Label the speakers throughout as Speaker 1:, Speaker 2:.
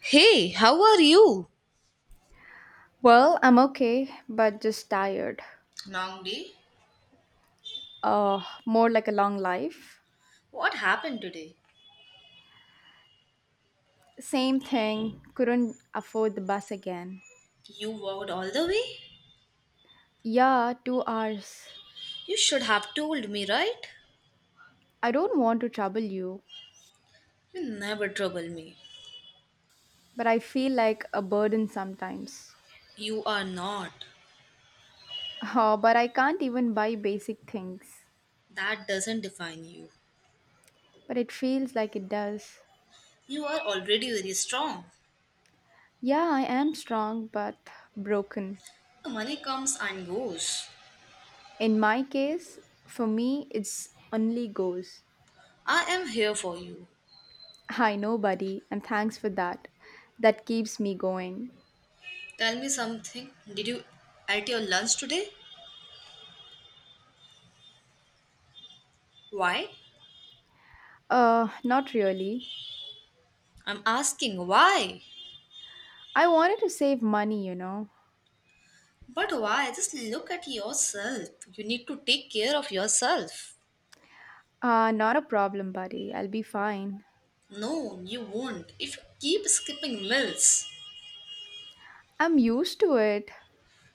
Speaker 1: Hey, how are you?
Speaker 2: Well, I'm okay, but just tired.
Speaker 1: Long day?
Speaker 2: More like a long life.
Speaker 1: What happened today?
Speaker 2: Same thing, couldn't afford the bus again.
Speaker 1: You walked all the way?
Speaker 2: Yeah, 2 hours.
Speaker 1: You should have told me, right?
Speaker 2: I don't want to trouble you,
Speaker 1: You never trouble me.
Speaker 2: but I feel like a burden sometimes.
Speaker 1: You are not.
Speaker 2: Oh, but I can't even buy basic things.
Speaker 1: That doesn't define you.
Speaker 2: But it feels like it does.
Speaker 1: You are already very strong.
Speaker 2: Yeah, I am strong, but broken.
Speaker 1: The money comes and goes.
Speaker 2: In my case, for me, it's only goals.
Speaker 1: I am here for you.
Speaker 2: I know, buddy, and thanks for that. That keeps me going.
Speaker 1: Tell me something. Did you eat your lunch today? Why?
Speaker 2: Not really.
Speaker 1: I'm asking why.
Speaker 2: I wanted to save money.
Speaker 1: But why? Just look at yourself. You need to take care of yourself.
Speaker 2: Not a problem, buddy. I'll be fine.
Speaker 1: No, you won't. If you keep skipping meals,
Speaker 2: I'm used to it,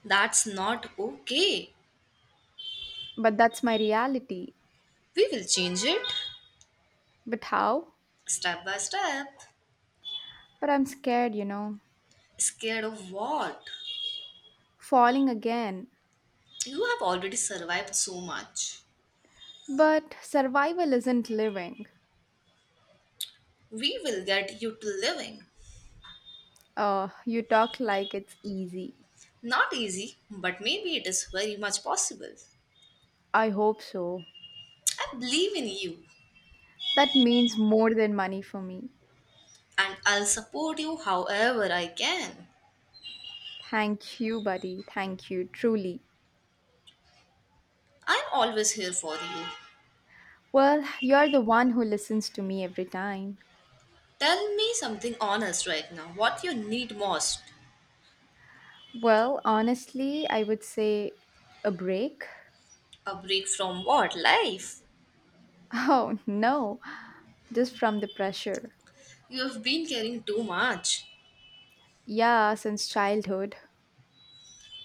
Speaker 1: that's not okay.
Speaker 2: but that's my reality.
Speaker 1: We will change it
Speaker 2: But how?
Speaker 1: step by step.
Speaker 2: But I'm scared.
Speaker 1: Scared of what?
Speaker 2: Falling again.
Speaker 1: You have already survived so much.
Speaker 2: But survival isn't living.
Speaker 1: We will get you to living.
Speaker 2: You talk like it's easy.
Speaker 1: Not easy, but maybe it is very much possible.
Speaker 2: I hope so.
Speaker 1: I believe in you
Speaker 2: That means more than money for me.
Speaker 1: and I'll support you however I can.
Speaker 2: Thank you, buddy. Thank you, truly.
Speaker 1: I'm always here for you.
Speaker 2: Well, you're the one who listens to me every time.
Speaker 1: Tell me something honest right now. What you need most?
Speaker 2: Well, honestly, I would say a break.
Speaker 1: A break from what? Life?
Speaker 2: Oh, no, just from the pressure.
Speaker 1: You've been caring too much.
Speaker 2: Yeah, since childhood.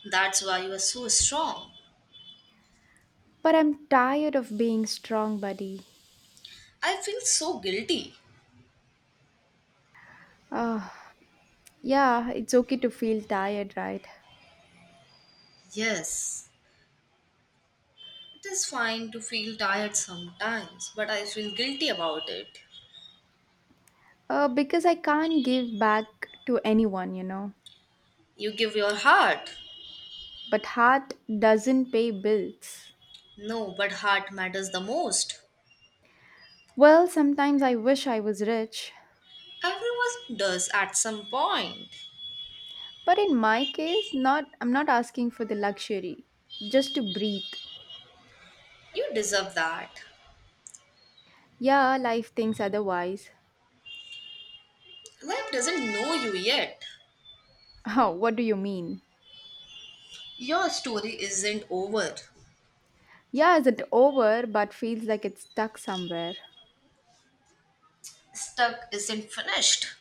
Speaker 1: That's why you are so strong.
Speaker 2: But I'm tired of being strong, buddy.
Speaker 1: I feel so guilty.
Speaker 2: Oh, yeah, it's okay to feel tired, right?
Speaker 1: Yes, it is fine to feel tired sometimes, but I feel guilty about it.
Speaker 2: Because I can't give back to anyone.
Speaker 1: You give your heart.
Speaker 2: But heart doesn't pay bills.
Speaker 1: No, but heart matters the most.
Speaker 2: Well, sometimes I wish I was rich,
Speaker 1: Everyone does at some point.
Speaker 2: but in my case, not I'm not asking for the luxury, just to breathe.
Speaker 1: You deserve that.
Speaker 2: Yeah, life thinks otherwise.
Speaker 1: Life doesn't know you yet.
Speaker 2: Oh, what do you mean?
Speaker 1: Your story isn't over.
Speaker 2: Yeah, isn't over, but feels like it's stuck somewhere.
Speaker 1: Stuck isn't finished.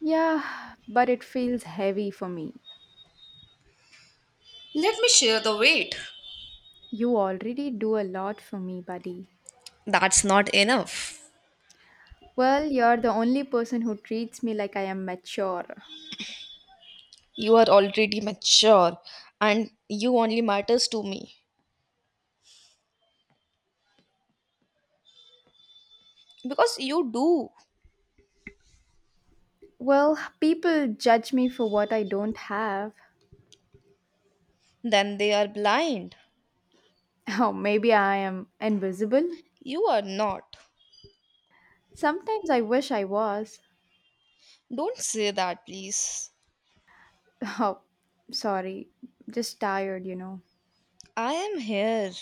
Speaker 2: Yeah, but it feels heavy for me.
Speaker 1: Let me share the weight.
Speaker 2: You already do a lot for me, buddy.
Speaker 1: That's not enough.
Speaker 2: Well, you're the only person who treats me like I am mature.
Speaker 1: You are already mature, and you only matters to me because you do.
Speaker 2: Well, people judge me for what I don't have.
Speaker 1: Then they are blind.
Speaker 2: Oh, maybe I am invisible.
Speaker 1: You are not.
Speaker 2: Sometimes I wish I was.
Speaker 1: Don't say that, please.
Speaker 2: Oh, sorry. Just tired.
Speaker 1: I am here.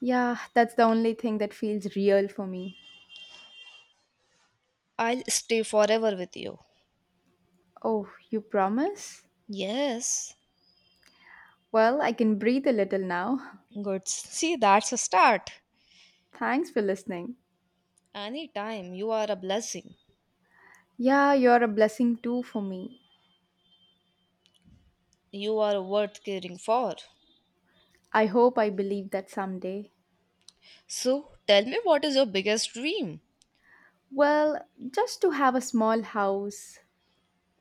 Speaker 2: Yeah, that's the only thing that feels real for me.
Speaker 1: I'll stay forever with you.
Speaker 2: Oh, you promise?
Speaker 1: Yes.
Speaker 2: Well, I can breathe a little now.
Speaker 1: Good, see, that's a start.
Speaker 2: Thanks for listening.
Speaker 1: Anytime. You are a blessing.
Speaker 2: Yeah, you're a blessing too for me.
Speaker 1: You are worth caring for.
Speaker 2: I hope I believe that someday.
Speaker 1: So tell me, what is your biggest dream?
Speaker 2: Well, just to have a small house.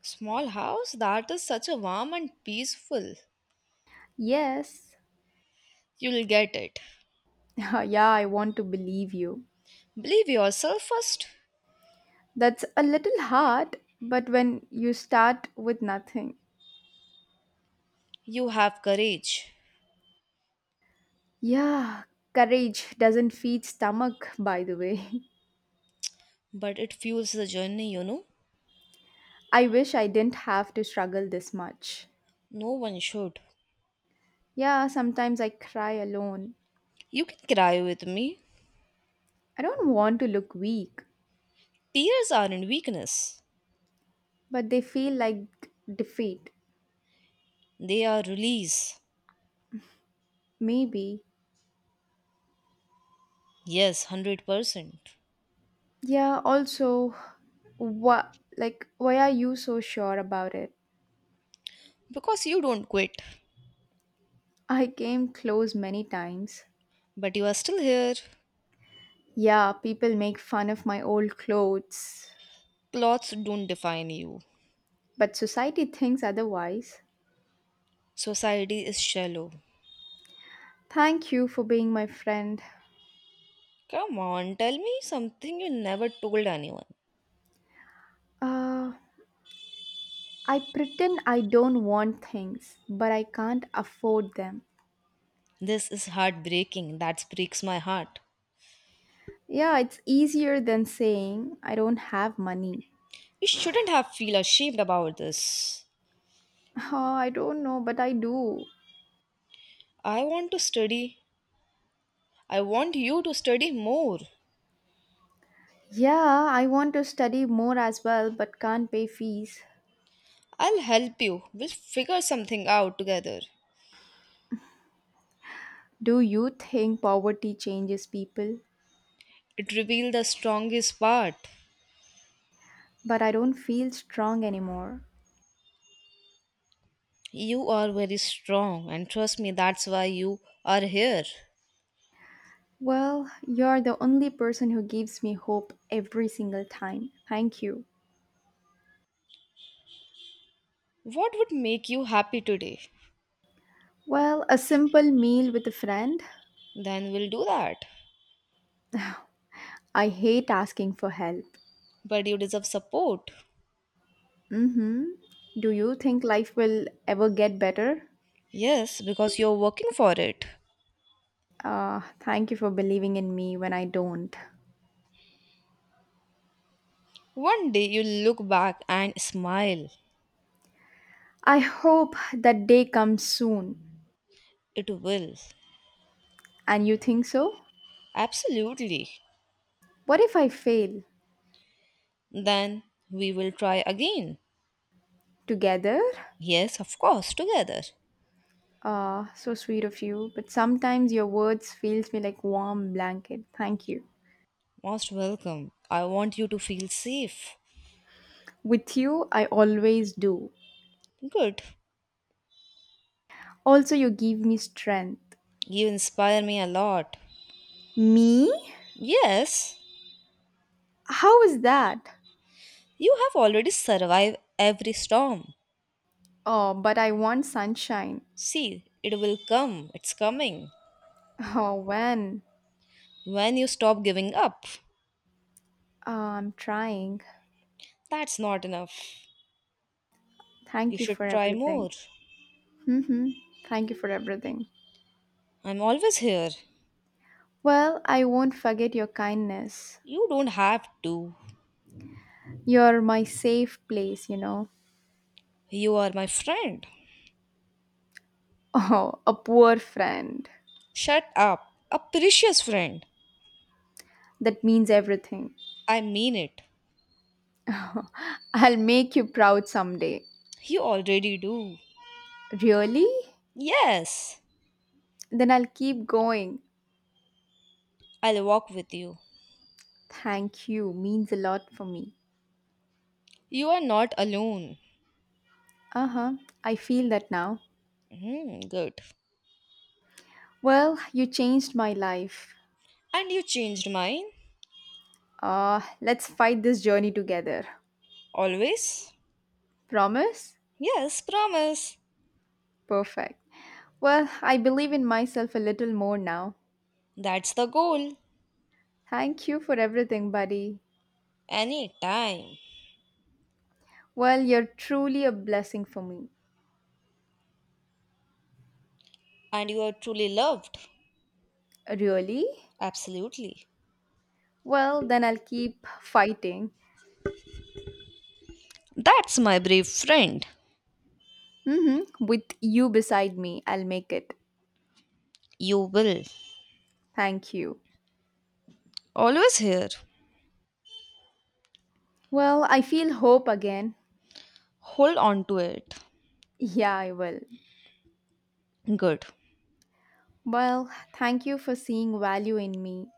Speaker 1: Small house, that is such a warm and peaceful.
Speaker 2: Yes.
Speaker 1: You'll get it.
Speaker 2: Yeah, I want to believe you.
Speaker 1: Believe yourself first.
Speaker 2: That's a little hard, but when you start with nothing.
Speaker 1: You have courage,
Speaker 2: Yeah, courage doesn't feed stomach, by the way.
Speaker 1: but it fuels the journey, you know.
Speaker 2: I wish I didn't have to struggle this much.
Speaker 1: No one should.
Speaker 2: Yeah, sometimes I cry alone.
Speaker 1: You can cry with me.
Speaker 2: I don't want to look weak,
Speaker 1: Tears aren't weakness,
Speaker 2: but they feel like defeat.
Speaker 1: they are release.
Speaker 2: Maybe.
Speaker 1: Yes, 100%.
Speaker 2: Yeah, also, what, like, why are you so sure about it?
Speaker 1: Because you don't quit,
Speaker 2: I came close many times.
Speaker 1: but you are still here.
Speaker 2: Yeah, people make fun of my old clothes,
Speaker 1: Clothes don't define you.
Speaker 2: but society thinks otherwise.
Speaker 1: Society is shallow.
Speaker 2: Thank you for being my friend.
Speaker 1: Come on, tell me something you never told anyone.
Speaker 2: Uh, I pretend I don't want things, but I can't afford them.
Speaker 1: This is heartbreaking. That breaks my heart.
Speaker 2: Yeah, it's easier than saying I don't have money.
Speaker 1: You shouldn't have feel ashamed about this.
Speaker 2: Oh, I don't know, but I do.
Speaker 1: I want to study. I want you to study more.
Speaker 2: Yeah, I want to study more as well, but can't pay fees.
Speaker 1: I'll help you. We'll figure something out together.
Speaker 2: Do you think poverty changes people?
Speaker 1: It revealed the strongest part.
Speaker 2: But I don't feel strong anymore.
Speaker 1: You are very strong, and trust me, that's why you are here.
Speaker 2: Well, you're the only person who gives me hope every single time. Thank you.
Speaker 1: What would make you happy today?
Speaker 2: Well, a simple meal with a friend.
Speaker 1: Then we'll do that.
Speaker 2: I hate asking for help.
Speaker 1: But you deserve support.
Speaker 2: Mm-hmm. Do you think life will ever get better?
Speaker 1: Yes, because you're working for it.
Speaker 2: Thank you for believing in me when I don't.
Speaker 1: One day you'll look back and smile.
Speaker 2: I hope that day comes soon.
Speaker 1: It will.
Speaker 2: And you think so?
Speaker 1: Absolutely.
Speaker 2: What if I fail?
Speaker 1: Then we will try again.
Speaker 2: Together?
Speaker 1: Yes, of course, together.
Speaker 2: So sweet of you. But sometimes your words feels me like warm blanket. Thank you.
Speaker 1: Most welcome. I want you to feel safe.
Speaker 2: With you, I always do.
Speaker 1: Good.
Speaker 2: Also, you give me strength.
Speaker 1: You inspire me a lot.
Speaker 2: Me?
Speaker 1: Yes,
Speaker 2: How is that?
Speaker 1: you have already survived every storm.
Speaker 2: Oh, but I want sunshine.
Speaker 1: See, it will come. It's coming.
Speaker 2: Oh, when?
Speaker 1: When you stop giving up,
Speaker 2: Uh, I'm trying.
Speaker 1: that's not enough. You
Speaker 2: Thank you
Speaker 1: should
Speaker 2: for
Speaker 1: try
Speaker 2: everything.
Speaker 1: more.
Speaker 2: hmm Thank you for everything.
Speaker 1: I'm always here.
Speaker 2: Well, I won't forget your kindness.
Speaker 1: You don't have to.
Speaker 2: You're my safe place.
Speaker 1: You are my friend.
Speaker 2: Oh, a poor friend.
Speaker 1: Shut up. A precious friend.
Speaker 2: That means everything.
Speaker 1: I mean it.
Speaker 2: I'll make you proud someday.
Speaker 1: You already do.
Speaker 2: Really?
Speaker 1: Yes,
Speaker 2: Then I'll keep going.
Speaker 1: I'll walk with you.
Speaker 2: Thank you means a lot for me.
Speaker 1: You are not alone.
Speaker 2: Uh huh. I feel that now.
Speaker 1: Hmm, good.
Speaker 2: Well, you changed my life.
Speaker 1: And you changed mine?
Speaker 2: Let's fight this journey together.
Speaker 1: Always?
Speaker 2: Promise?
Speaker 1: Yes, promise.
Speaker 2: Perfect. Well, I believe in myself a little more now.
Speaker 1: That's the goal.
Speaker 2: Thank you for everything, buddy.
Speaker 1: Any time.
Speaker 2: Well, you're truly a blessing for me.
Speaker 1: And you are truly loved.
Speaker 2: Really?
Speaker 1: Absolutely.
Speaker 2: Well, then I'll keep fighting.
Speaker 1: That's my brave friend.
Speaker 2: Mm-hmm. With you beside me, I'll make it.
Speaker 1: You will.
Speaker 2: Thank you.
Speaker 1: Always here.
Speaker 2: Well, I feel hope again.
Speaker 1: Hold on to it.
Speaker 2: Yeah, I will.
Speaker 1: Good.
Speaker 2: Well, thank you for seeing value in me,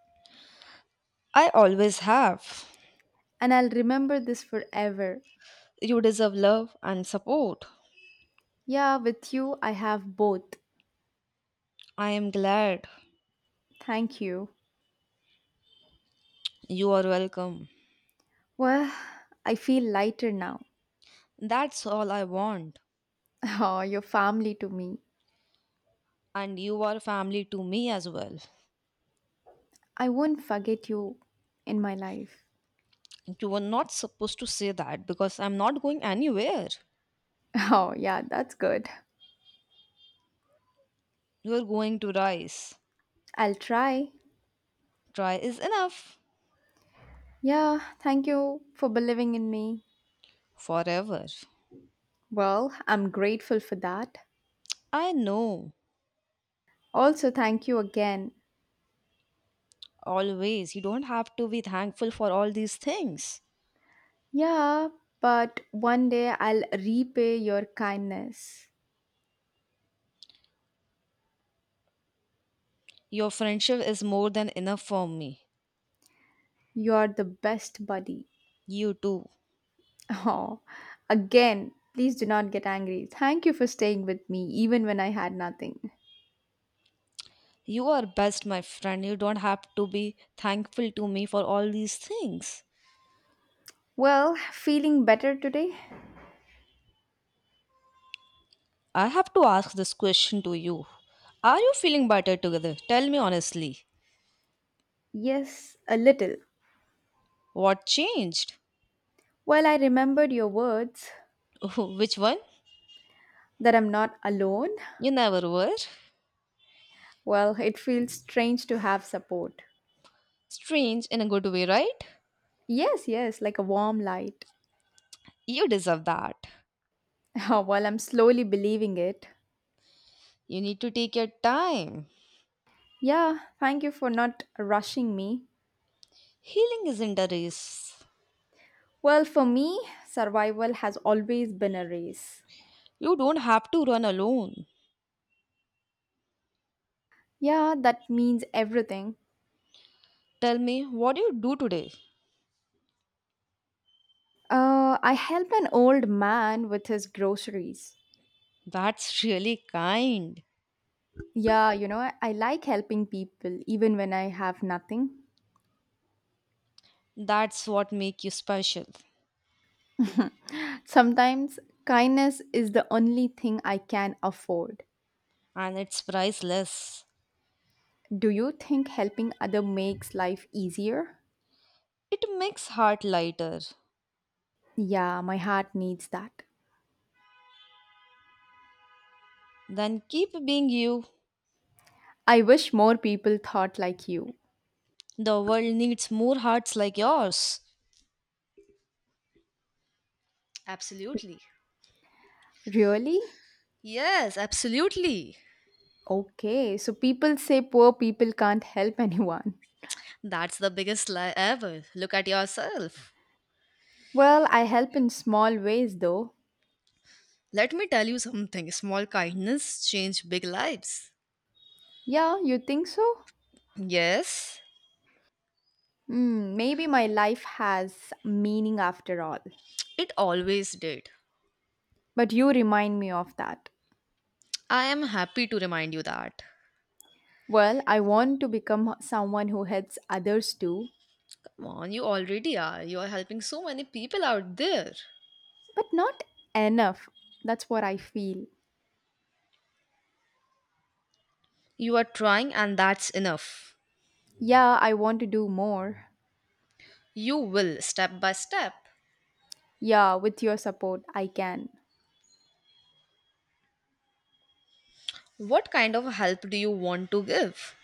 Speaker 1: I always have.
Speaker 2: and I'll remember this forever.
Speaker 1: You deserve love and support.
Speaker 2: Yeah, with you, I have both.
Speaker 1: I am glad.
Speaker 2: Thank you.
Speaker 1: You are welcome.
Speaker 2: Well, I feel lighter now.
Speaker 1: That's all I want.
Speaker 2: Oh, your family to me.
Speaker 1: And you are family to me as well.
Speaker 2: I won't forget you in my life.
Speaker 1: You were not supposed to say that because I'm not going anywhere.
Speaker 2: Oh, yeah, that's good.
Speaker 1: You're going to rise.
Speaker 2: I'll try.
Speaker 1: Try is enough.
Speaker 2: Yeah, thank you for believing in me.
Speaker 1: Forever.
Speaker 2: Well, I'm grateful for that.
Speaker 1: I know.
Speaker 2: Also, thank you again.
Speaker 1: Always. You don't have to be thankful for all these things.
Speaker 2: Yeah, but one day I'll repay your kindness.
Speaker 1: Your friendship is more than enough for me.
Speaker 2: You're the best buddy.
Speaker 1: You too.
Speaker 2: Oh, again, please do not get angry. Thank you for staying with me even when I had nothing.
Speaker 1: You are best, my friend. You don't have to be thankful to me for all these things.
Speaker 2: Well, feeling better today?
Speaker 1: I have to ask this question to you. Are you feeling better together? Tell me honestly.
Speaker 2: Yes, a little.
Speaker 1: What changed?
Speaker 2: Well, I remembered your words
Speaker 1: Which one?
Speaker 2: that I'm not alone,
Speaker 1: You never were.
Speaker 2: well, it feels strange to have support.
Speaker 1: Strange in a good way, right?
Speaker 2: Yes, yes, like a warm light.
Speaker 1: You deserve that.
Speaker 2: While I'm slowly believing it.
Speaker 1: You need to take your time.
Speaker 2: Yeah, thank you for not rushing me.
Speaker 1: Healing isn't a race.
Speaker 2: Well, for me, survival has always been a race.
Speaker 1: You don't have to run alone.
Speaker 2: Yeah, that means everything.
Speaker 1: Tell me, what do you do today?
Speaker 2: I helped an old man with his groceries.
Speaker 1: That's really kind.
Speaker 2: Yeah, you know, I like helping people even when I have nothing.
Speaker 1: That's what make you special.
Speaker 2: Sometimes kindness is the only thing I can afford.
Speaker 1: And it's priceless.
Speaker 2: Do you think helping other makes life easier?
Speaker 1: It makes heart lighter.
Speaker 2: Yeah, my heart needs that.
Speaker 1: Then keep being you.
Speaker 2: I wish more people thought like you.
Speaker 1: The world needs more hearts like yours. Absolutely.
Speaker 2: Really?
Speaker 1: Yes, absolutely.
Speaker 2: Okay, so people say poor people can't help anyone.
Speaker 1: That's the biggest lie ever. Look at yourself.
Speaker 2: Well, I help in small ways though.
Speaker 1: Let me tell you something, small kindness change big lives.
Speaker 2: Yeah, you think so?
Speaker 1: Yes,
Speaker 2: Hmm, maybe my life has meaning after all.
Speaker 1: it always did.
Speaker 2: But you remind me of that.
Speaker 1: I am happy to remind you that.
Speaker 2: Well, I want to become someone who helps others too,
Speaker 1: Come on, you already are. You are helping so many people out there.
Speaker 2: but not enough. That's what I feel.
Speaker 1: You are trying, and that's enough.
Speaker 2: Yeah, I want to do more.
Speaker 1: You will, step by step.
Speaker 2: Yeah, with your support, I can.
Speaker 1: What kind of help do you want to give?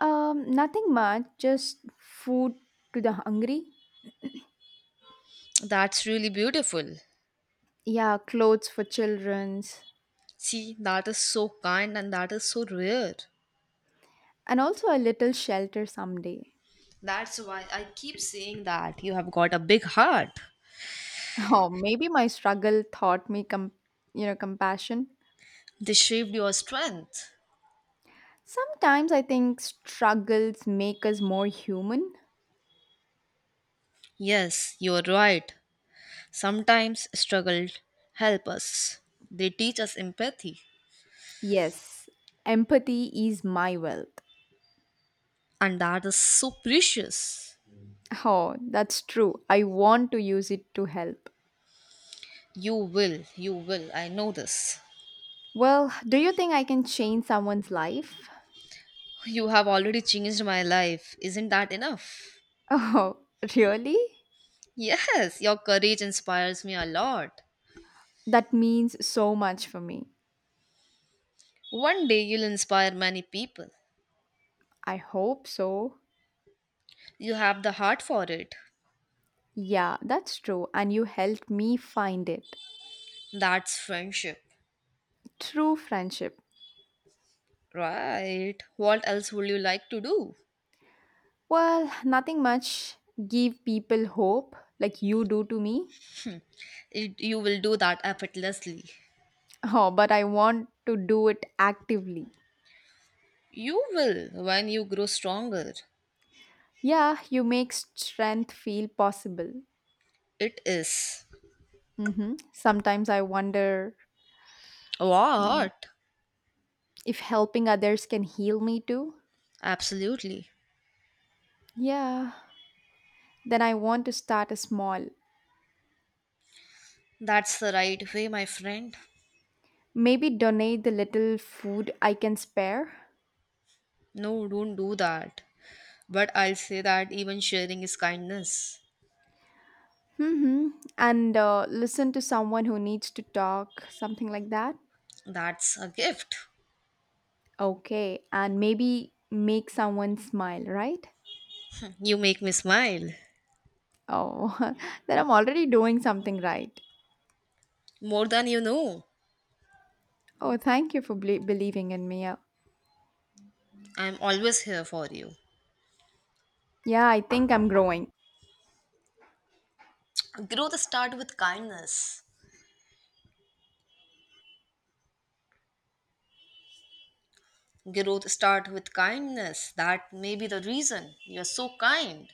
Speaker 2: Nothing much, just food to the hungry.
Speaker 1: That's really beautiful.
Speaker 2: Yeah, clothes for children's,
Speaker 1: See, that is so kind and that is so rare.
Speaker 2: and also a little shelter someday.
Speaker 1: That's why I keep saying that you have got a big heart.
Speaker 2: Oh, maybe my struggle taught me you know, compassion.
Speaker 1: They shaped your strength.
Speaker 2: Sometimes I think struggles make us more human.
Speaker 1: Yes, you're right. Sometimes struggles help us. They teach us empathy,
Speaker 2: Yes, empathy is my wealth.
Speaker 1: and that is so precious.
Speaker 2: Oh, that's true. I want to use it to help.
Speaker 1: You will, you will. I know this.
Speaker 2: Well, do you think I can change someone's life?
Speaker 1: You have already changed my life. Isn't that enough?
Speaker 2: Oh, really?
Speaker 1: Yes, your courage inspires me a lot.
Speaker 2: That means so much for me.
Speaker 1: One day you'll inspire many people.
Speaker 2: I hope so.
Speaker 1: You have the heart for it.
Speaker 2: Yeah, that's true. And you helped me find it.
Speaker 1: That's friendship.
Speaker 2: True friendship.
Speaker 1: Right. What else would you like to do?
Speaker 2: Well, nothing much. Give people hope like you do to me.
Speaker 1: It, you will do that effortlessly.
Speaker 2: Oh, but I want to do it actively.
Speaker 1: You will when you grow stronger.
Speaker 2: Yeah, you make strength feel possible.
Speaker 1: It is.
Speaker 2: Sometimes I wonder mm,
Speaker 1: What?
Speaker 2: if helping others can heal me too.
Speaker 1: Absolutely.
Speaker 2: Yeah, then I want to start small.
Speaker 1: That's the right way, my friend.
Speaker 2: Maybe donate the little food I can spare.
Speaker 1: No, don't do that. But I'll say that even sharing is kindness.
Speaker 2: hmm And listen to someone who needs to talk, something like that.
Speaker 1: That's a gift.
Speaker 2: Okay, and maybe make someone smile, right?
Speaker 1: You make me smile.
Speaker 2: Oh, then I'm already doing something right.
Speaker 1: More than you know.
Speaker 2: Oh, thank you for believing in me.
Speaker 1: I'm always here for you.
Speaker 2: Yeah, I think I'm growing.
Speaker 1: Growth start with kindness. Growth start with kindness. That may be the reason you're so kind.